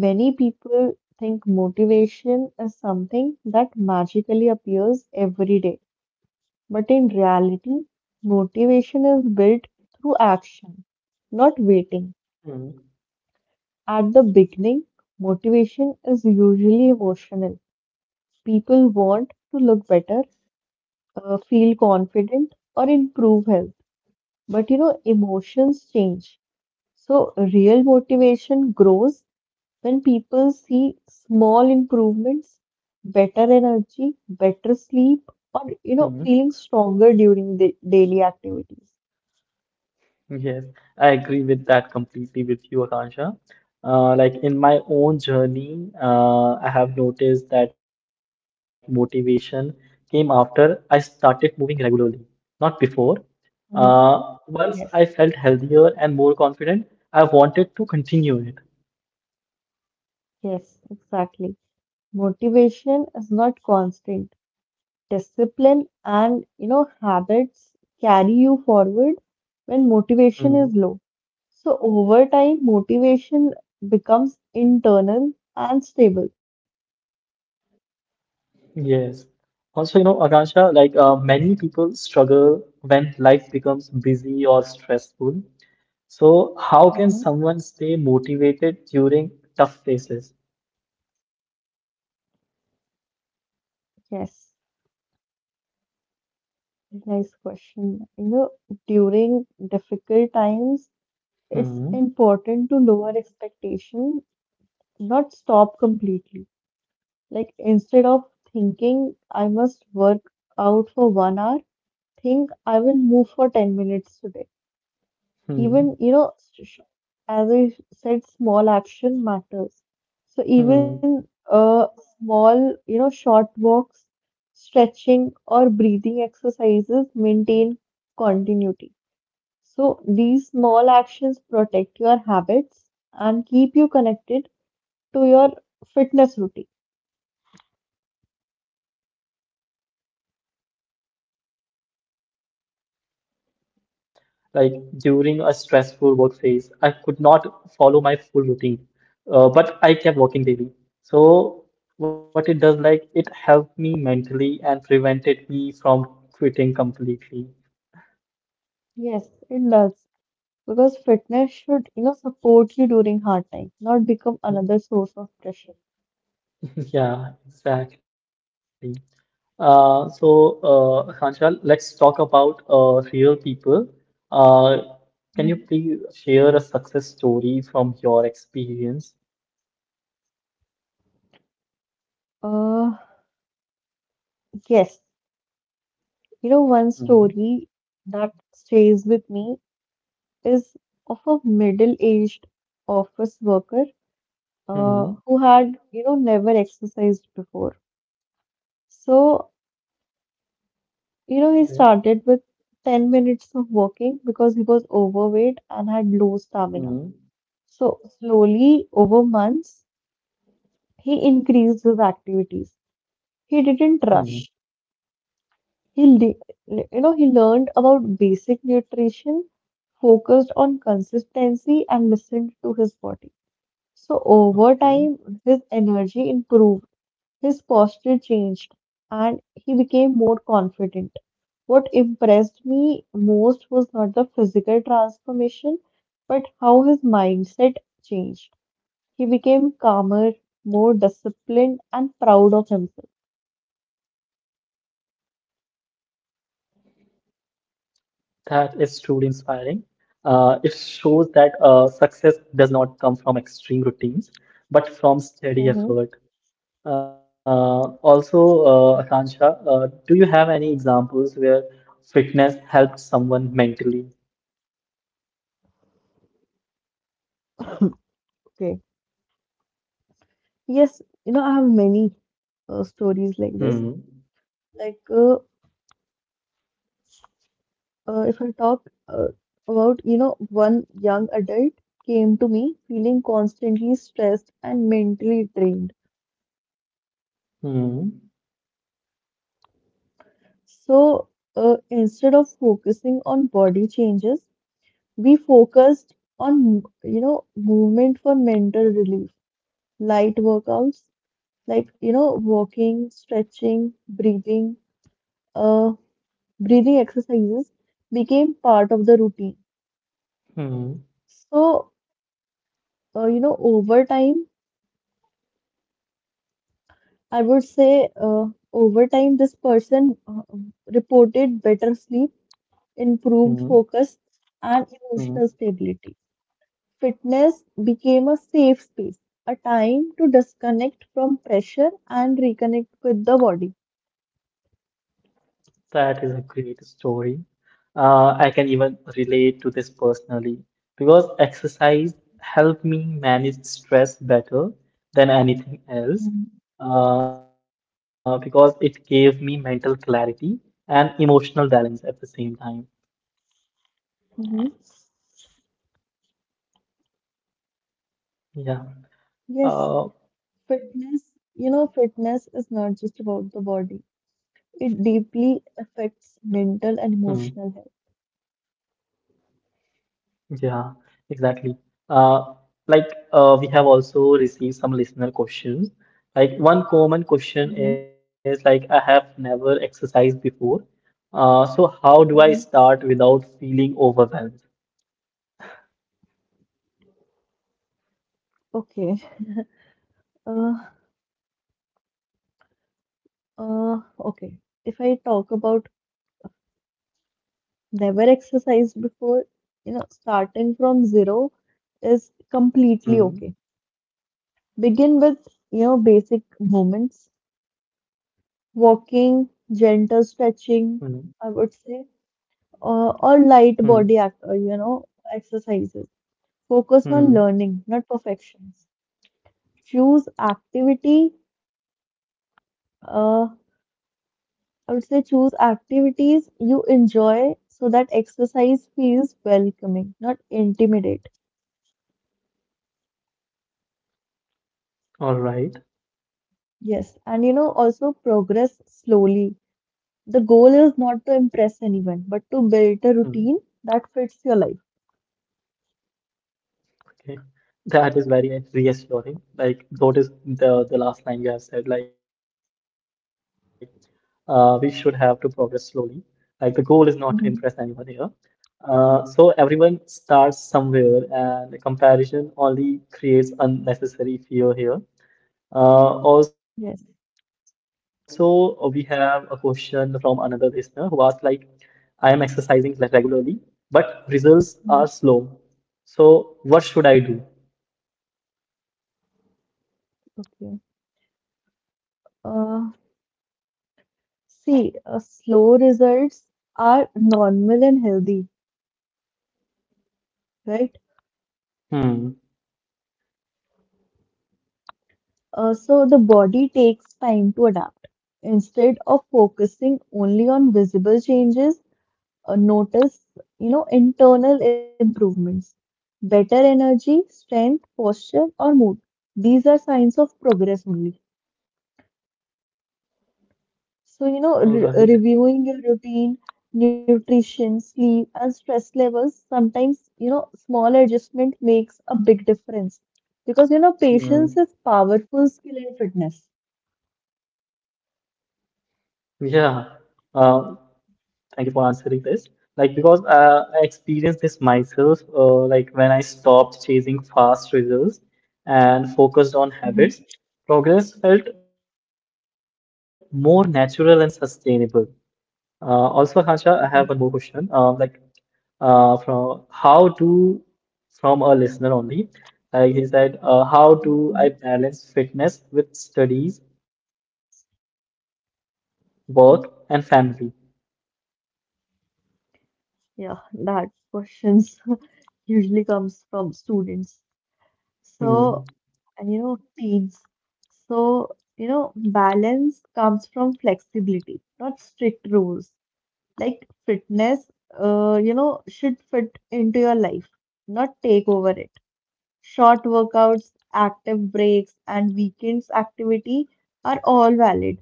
Speaker 2: Many people think motivation is something that magically appears every day. But in reality, motivation is built through action, not waiting.
Speaker 1: Hmm.
Speaker 2: At the beginning, motivation is usually emotional. People want to look better, feel confident, or improve health. But emotions change. So, real motivation grows when people see small improvements, better energy, better sleep,
Speaker 1: Hmm.
Speaker 2: or feeling stronger during the daily activities.
Speaker 1: Yes, I agree with that completely with you, Akansha. Like in my own journey, I have noticed that motivation came after I started moving regularly, not before.
Speaker 2: Mhm.
Speaker 1: Once I
Speaker 2: Yes.
Speaker 1: felt healthier and more confident, I wanted to continue it.
Speaker 2: Yes, exactly. Motivation is not constant. Discipline and habits carry you forward when
Speaker 1: Mm,
Speaker 2: motivation is low. So over time, motivation becomes internal and stable.
Speaker 1: yes. Also, you know, Akansha, like many people struggle when life becomes busy or stressful. So, how can
Speaker 2: Mhm.
Speaker 1: someone stay motivated during tough phases?
Speaker 2: Yes, nice question. You know, during difficult times, it's
Speaker 1: Hmm,
Speaker 2: important to lower expectation, not stop completely. Like instead of thinking I must work out for 1 hour, think I will move for 10 minutes today. Even
Speaker 1: hmm,
Speaker 2: you know s- sh- as I said small action matters, so even
Speaker 1: hmm.
Speaker 2: a small you know short walks, stretching or breathing exercises maintain continuity. So these small actions protect your habits and keep you connected to your fitness routine.
Speaker 1: Yeah, that really resonates with me here. Like during a stressful work phase, I could not follow my full routine, but I kept working daily. So, what it does, like, it helped me mentally and prevented me from quitting completely.
Speaker 2: Yes it does, because fitness should support you during hard times, not become another source of
Speaker 1: *laughs*
Speaker 2: pressure.
Speaker 1: Yeah, exactly. So, Hanshal, let's talk about real people. Uh,
Speaker 2: Mhm.
Speaker 1: can you please share a success story from your experience?
Speaker 2: uh yes. You know, one story
Speaker 1: Hmm.
Speaker 2: that stays with me is of a middle-aged office worker who had,
Speaker 1: Hmm.
Speaker 2: never exercised before. So,
Speaker 1: Okay.
Speaker 2: he started with 10 minutes of walking because he was overweight and had low stamina.
Speaker 1: Hmm.
Speaker 2: So, slowly over months, he increased his activities. He didn't rush.
Speaker 1: Hmm.
Speaker 2: He, le- you know, he learned about basic nutrition, focused on consistency, and listened to his body. So over time, his
Speaker 1: Okay.
Speaker 2: energy improved, his posture changed, and he became more confident. What impressed me most was not the physical transformation, but how his mindset changed. He became calmer, more disciplined, and proud of himself.
Speaker 1: That is truly inspiring. It shows that success does not come from extreme routines, but from
Speaker 2: Mhm.
Speaker 1: steady effort. Also, Akansha, do you have any examples where fitness helped someone mentally?
Speaker 2: Okay. Yes, I have many stories like this.
Speaker 1: Hmm.
Speaker 2: Like, uh, if I talk about, one young adult came to me feeling constantly stressed and mentally drained.
Speaker 1: Hmm.
Speaker 2: So, instead of focusing on body changes, we focused on, movement for mental relief, light workouts, like, walking, stretching, breathing, uh, breathing exercises became part of the routine.
Speaker 1: Hmm.
Speaker 2: So, you know, over time, I would say, over time, this person reported better sleep, improved
Speaker 1: Hmm.
Speaker 2: focus, and emotional
Speaker 1: Hmm.
Speaker 2: stability. Fitness became a safe space, a time to disconnect from pressure and reconnect with the body.
Speaker 1: That is a great story. I can even relate to this personally because exercise helped me manage stress better than anything else
Speaker 2: Hmm.
Speaker 1: because it gave me mental clarity and emotional balance at the same time. Yeah.
Speaker 2: Yes,
Speaker 1: Uh,
Speaker 2: fitness, fitness is not just about the body. It
Speaker 1: hmm.
Speaker 2: deeply affects mental and emotional health.
Speaker 1: Yeah, exactly. Uh, like we have also received some listener questions. Like one common question is
Speaker 2: Mhm.
Speaker 1: like I have never exercised before. So how do I start
Speaker 2: Mhm.
Speaker 1: without feeling overwhelmed?
Speaker 2: Okay. Uh, Uh, okay. If I talk about never exercised before, starting from zero is
Speaker 1: Hmm.
Speaker 2: completely okay. Begin with, basic movements, walking,
Speaker 1: Hmm.
Speaker 2: gentle stretching, I would say, uh, or
Speaker 1: Hmm.
Speaker 2: light body act, uh, you know, exercises. Focus on
Speaker 1: Hmm.
Speaker 2: learning, not perfections. Choose activity, uh, I would say choose activities you enjoy so that exercise feels welcoming, not intimidate.
Speaker 1: All right.
Speaker 2: Yes, and also progress slowly. The goal is
Speaker 1: Hmm.
Speaker 2: not to impress anyone, but to build a routine that fits your life.
Speaker 1: Okay. That is very reassuring. Like, notice the last line you have said, like, we should have to progress slowly. Like, the goal is not to impress anyone here.
Speaker 2: Mhm.
Speaker 1: So everyone starts somewhere, and the comparison only creates unnecessary fear here.
Speaker 2: Yes.
Speaker 1: Also, we have a question from another listener who asked, like, I am exercising regularly, but results are
Speaker 2: Mhm.
Speaker 1: slow. So, what should I do?
Speaker 2: Okay. Uh, see, slow results are normal and healthy, right?
Speaker 1: Hmm.
Speaker 2: So the body takes time to adapt. Instead of focusing only on visible changes, notice, internal improvements, better energy, strength, posture, or mood. These are signs of progress only.
Speaker 1: All right.
Speaker 2: So, reviewing your routine, nutrition, sleep, and stress levels, sometimes, small adjustment makes a big difference because, patience
Speaker 1: Hmm.
Speaker 2: is powerful skill in fitness.
Speaker 1: Yeah. Uh, thank you for answering this. Like, because I experienced this myself, like when I stopped chasing fast results and focused on
Speaker 2: Mhm.
Speaker 1: habits, progress felt more natural and sustainable. Uh, also, Hansha, I have one more question.
Speaker 2: Mhm.
Speaker 1: Like, from how to from a listener only. Like he said, how do
Speaker 2: Mhm.
Speaker 1: I balance fitness with studies, work, and family?
Speaker 2: Yeah, that questions *laughs* usually comes from students. So,
Speaker 1: Hmm.
Speaker 2: and teams. So, balance comes from flexibility, not strict rules. Like fitness, should fit into your life, not take over it. Short workouts, active breaks, and weekends activity are all valid.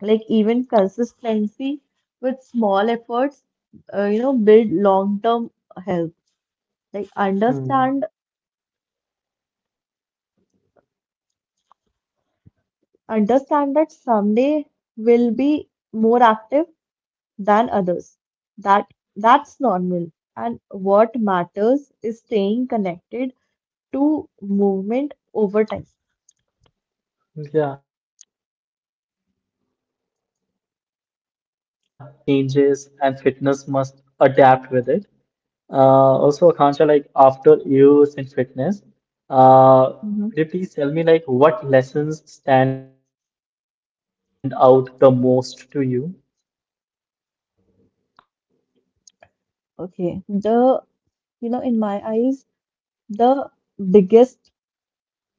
Speaker 2: Like even consistency with small efforts, build long-term health. Like
Speaker 1: Hmm.
Speaker 2: understand that someday will be more active than others. That that's normal. And what matters is staying connected to movement over time.
Speaker 1: Yeah, that is an important reminder you have given. Like life changes and fitness must adapt with it. Uh, also, Akansha, like after years in fitness, uh, could you
Speaker 2: Hmm.
Speaker 1: please tell me like what lessons stand out the most to you?
Speaker 2: Okay. In my eyes, the biggest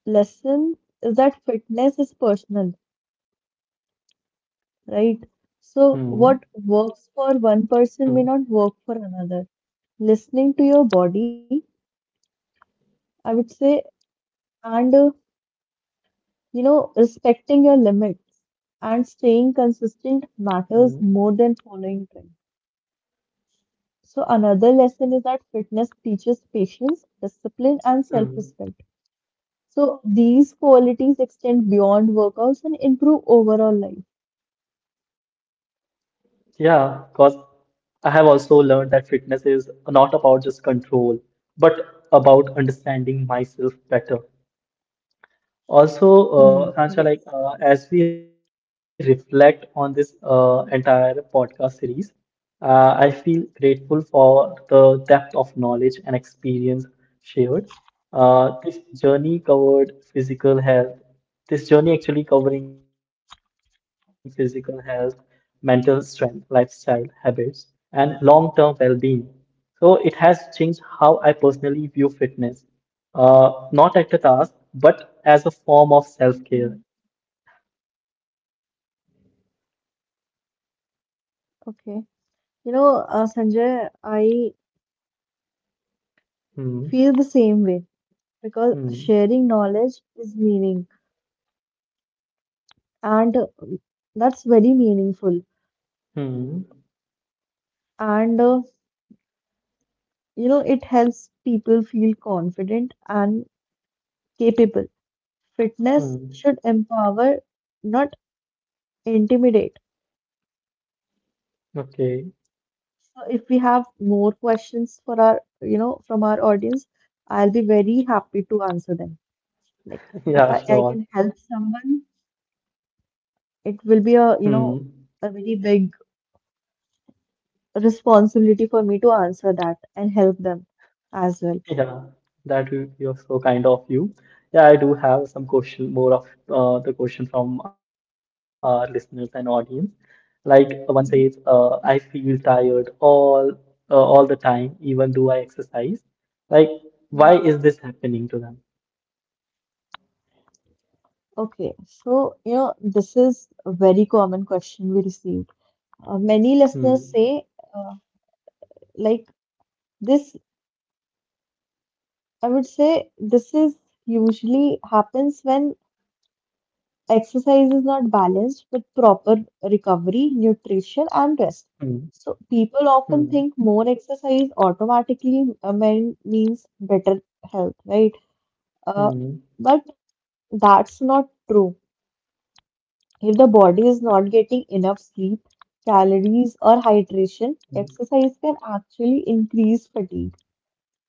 Speaker 2: lesson is that fitness is personal,
Speaker 1: Hmm.
Speaker 2: right? So, what
Speaker 1: Hmm.
Speaker 2: works for one person may not work for another. Listening to your body, I would say, and respecting your limits and staying
Speaker 1: Mm,
Speaker 2: consistent matters more than following trends. So, another lesson is that fitness teaches patience, discipline, and
Speaker 1: mm.
Speaker 2: self-respect. So, these qualities extend beyond workouts and improve overall life.
Speaker 1: Yeah, because I have also learned that fitness is not about just control, but about understanding myself better. Also,
Speaker 2: Mhm.
Speaker 1: Sansha,
Speaker 2: Yes.
Speaker 1: like as we reflect on this entire podcast series, I feel grateful for the depth of knowledge and experience shared. This journey covered physical health. This journey actually covering physical health, mental strength, lifestyle, habits, and long-term well-being. So it has changed how I personally view fitness not at a task, but as a form of self-care.
Speaker 2: Mhm. Okay. You know, Sanjay, I
Speaker 1: Hmm.
Speaker 2: feel the same way because
Speaker 1: Hmm.
Speaker 2: sharing knowledge is meaning, and that's very meaningful.
Speaker 1: Hmm.
Speaker 2: And it helps people feel confident and capable. Fitness
Speaker 1: Hmm.
Speaker 2: should empower, not intimidate.
Speaker 1: Okay.
Speaker 2: So if we have more questions for from our audience, I'll be very happy to answer them. Like
Speaker 1: *laughs*
Speaker 2: if
Speaker 1: Yeah,
Speaker 2: I, I
Speaker 1: sure.
Speaker 2: can help someone,
Speaker 1: Hmm.
Speaker 2: it will be
Speaker 1: *laughs*
Speaker 2: a very big responsibility for me to answer that and help them as well.
Speaker 1: Yeah, that would be also kind of you. Yeah, I do have some question, more of the question from our listeners and audience. Like one says,
Speaker 2: Mhm,
Speaker 1: I feel tired all all the time, even though I exercise. Like,
Speaker 2: mhm.
Speaker 1: why is this happening to them?
Speaker 2: Okay, this is a very common question we receive. Many
Speaker 1: Hmm.
Speaker 2: listeners say, uh, like this, I would say this is usually happens when exercise is not balanced with proper recovery, nutrition, and
Speaker 1: Hmm.
Speaker 2: rest. So people
Speaker 1: Hmm.
Speaker 2: often think more exercise automatically means better health, right? Uh,
Speaker 1: Hmm.
Speaker 2: but that's not true. If the body is not getting enough sleep, calories, or
Speaker 1: Hmm.
Speaker 2: hydration, exercise can actually increase fatigue.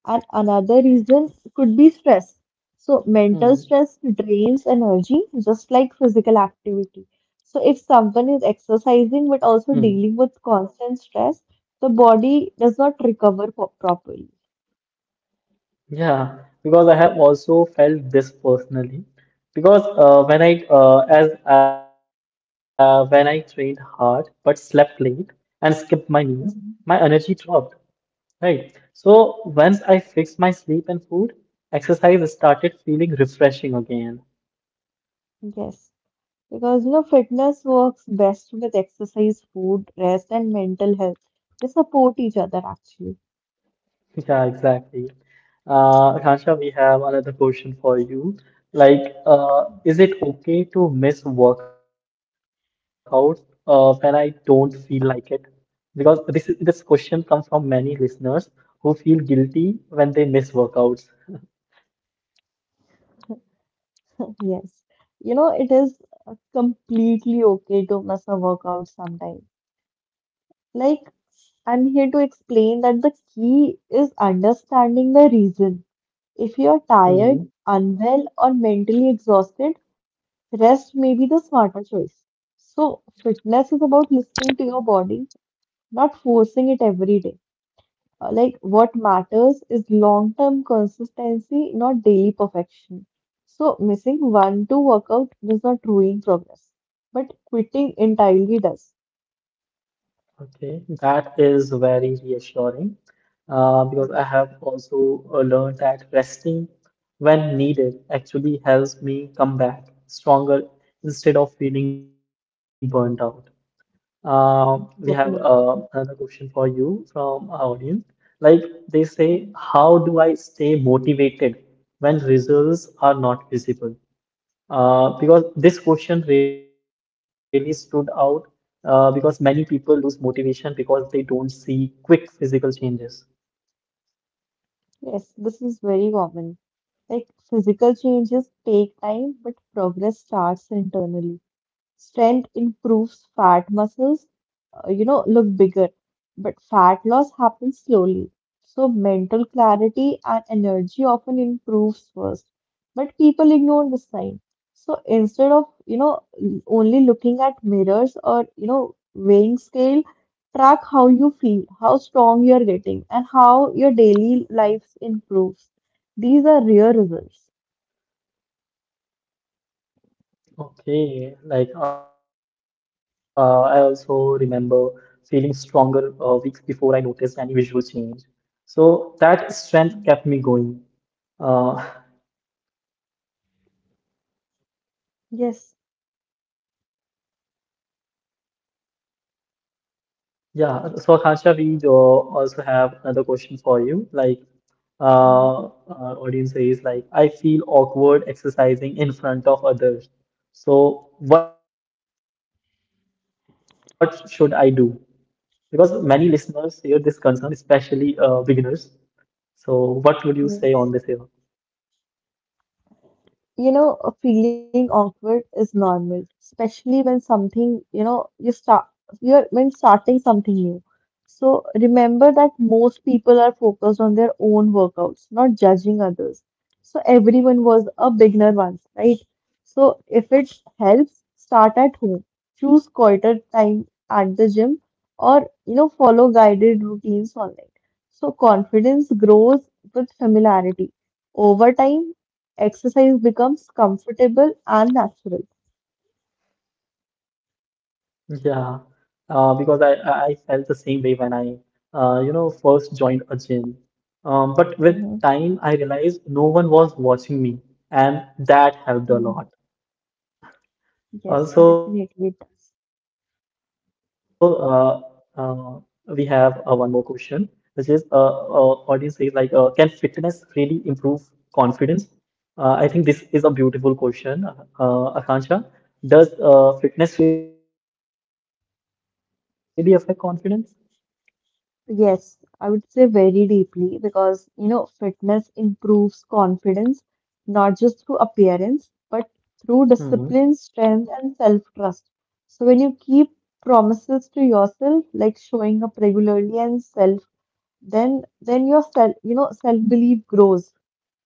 Speaker 2: And another reason could be stress. So, mental
Speaker 1: Hmm.
Speaker 2: stress drains energy just like physical activity. So, if someone is
Speaker 1: Hmm.
Speaker 2: exercising but also dealing with constant stress, the body does not recover properly.
Speaker 1: Yeah, because I have also felt this personally. Because when I trained hard but slept late and skipped my meals, my energy
Speaker 2: Mhm.
Speaker 1: dropped. Right. So once I fixed my sleep and food, exercise started feeling refreshing again.
Speaker 2: Yes, because fitness works best with exercise, food, rest, and mental health. They support each other actually.
Speaker 1: *laughs* Yeah, exactly. Akansha, we have another question for you. Like, is it okay to miss workouts when I don't feel like it? Because this question comes from many listeners who feel guilty when they miss workouts.
Speaker 2: Yes, you know, it is completely okay to miss a workout sometimes. Like, I'm here to explain that the key is understanding the reason. If you're tired, unwell, or mentally exhausted, rest may be the smarter choice. So, fitness is about listening to your body, not forcing it every day. Like, what matters is long-term consistency, not daily perfection. So, missing one, two workout does not ruin progress, but quitting entirely does.
Speaker 1: Okay, that is very reassuring because I
Speaker 2: Mhm.
Speaker 1: have also learned that resting when needed actually helps me come back stronger instead of feeling burnt out. We have
Speaker 2: Definitely.
Speaker 1: another question for you from our audience. Like they say, how do I stay motivated when results are not visible? Because this question really stood out because many people lose motivation because they don't see quick physical changes.
Speaker 2: Yes, this is very common. Like physical changes take time, but progress starts internally. Strength improves fat muscles, look bigger. But fat loss happens slowly. So mental clarity and energy often improves first. But people ignore the sign. So instead of, only looking at mirrors or, weighing scale, track how you feel, how strong you're getting, and how your daily life improves. These are real results.
Speaker 1: Okay, like I also remember feeling stronger weeks before I noticed any visual change. So that strength kept me going. Uh, *laughs*
Speaker 2: Yes.
Speaker 1: Yeah, so Harsha, we do also have another question for you. Like, our audience says, like, I feel awkward exercising in front of others. So, what should I do? Because many listeners hear this concern, especially beginners. So, what would you say on this here?
Speaker 2: Yes. Feeling awkward is normal, especially when something, you're when starting something new. So remember that most people are focused on their own workouts, not judging others. So everyone was a beginner once, right? So if it helps, start at home. Choose quieter time at the gym or, follow guided routines online. So confidence grows with familiarity. Over time, exercise becomes comfortable and natural.
Speaker 1: Yeah, because I I felt the same way when I you know, first joined a gym. But with
Speaker 2: Hmm.
Speaker 1: time, I realized no one was watching me, and that helped
Speaker 2: Mhm.
Speaker 1: a lot.
Speaker 2: Yes,
Speaker 1: Also,
Speaker 2: definitely it
Speaker 1: uh,
Speaker 2: does.
Speaker 1: uh, we have one more question, which is, audience says like, can fitness really improve confidence? I think this is a beautiful question, Akansha. Does fitness really affect confidence?
Speaker 2: Yes, I would say very deeply because fitness improves confidence not just through appearance but through
Speaker 1: Hmm,
Speaker 2: discipline, strength, and self-trust. So, when you keep promises to yourself, like showing up regularly and self. Then your self, self belief grows.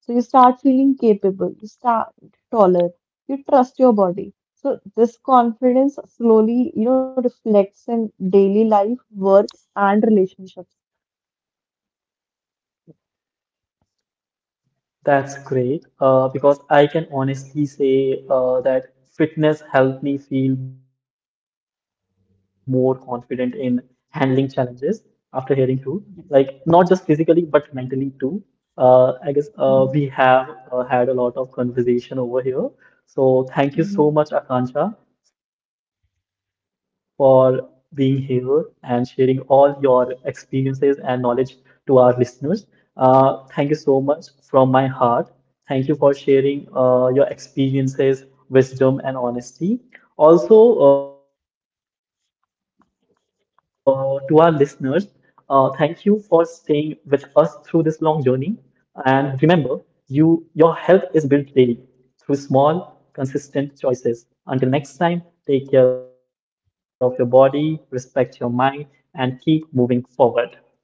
Speaker 2: So you start feeling capable, you start taller, you trust your body. So this confidence slowly, reflects in daily life, work, and relationships.
Speaker 1: that's great because I can honestly say that fitness helped me feel more confident in handling challenges after hearing you. Like, not just physically, but mentally too. I guess we have had a lot of conversation over here. So, thank you so
Speaker 2: Mhm.
Speaker 1: much, Akansha, for being here and sharing all your experiences and knowledge to our listeners. Thank you so much from my heart. Thank you for sharing your experiences, wisdom, and honesty. Also, to our listeners, thank you for staying with us through this long journey. And remember, you your health is built daily through small, consistent choices. Until next time, take care of your body, respect your mind, and keep moving forward. Bye bye.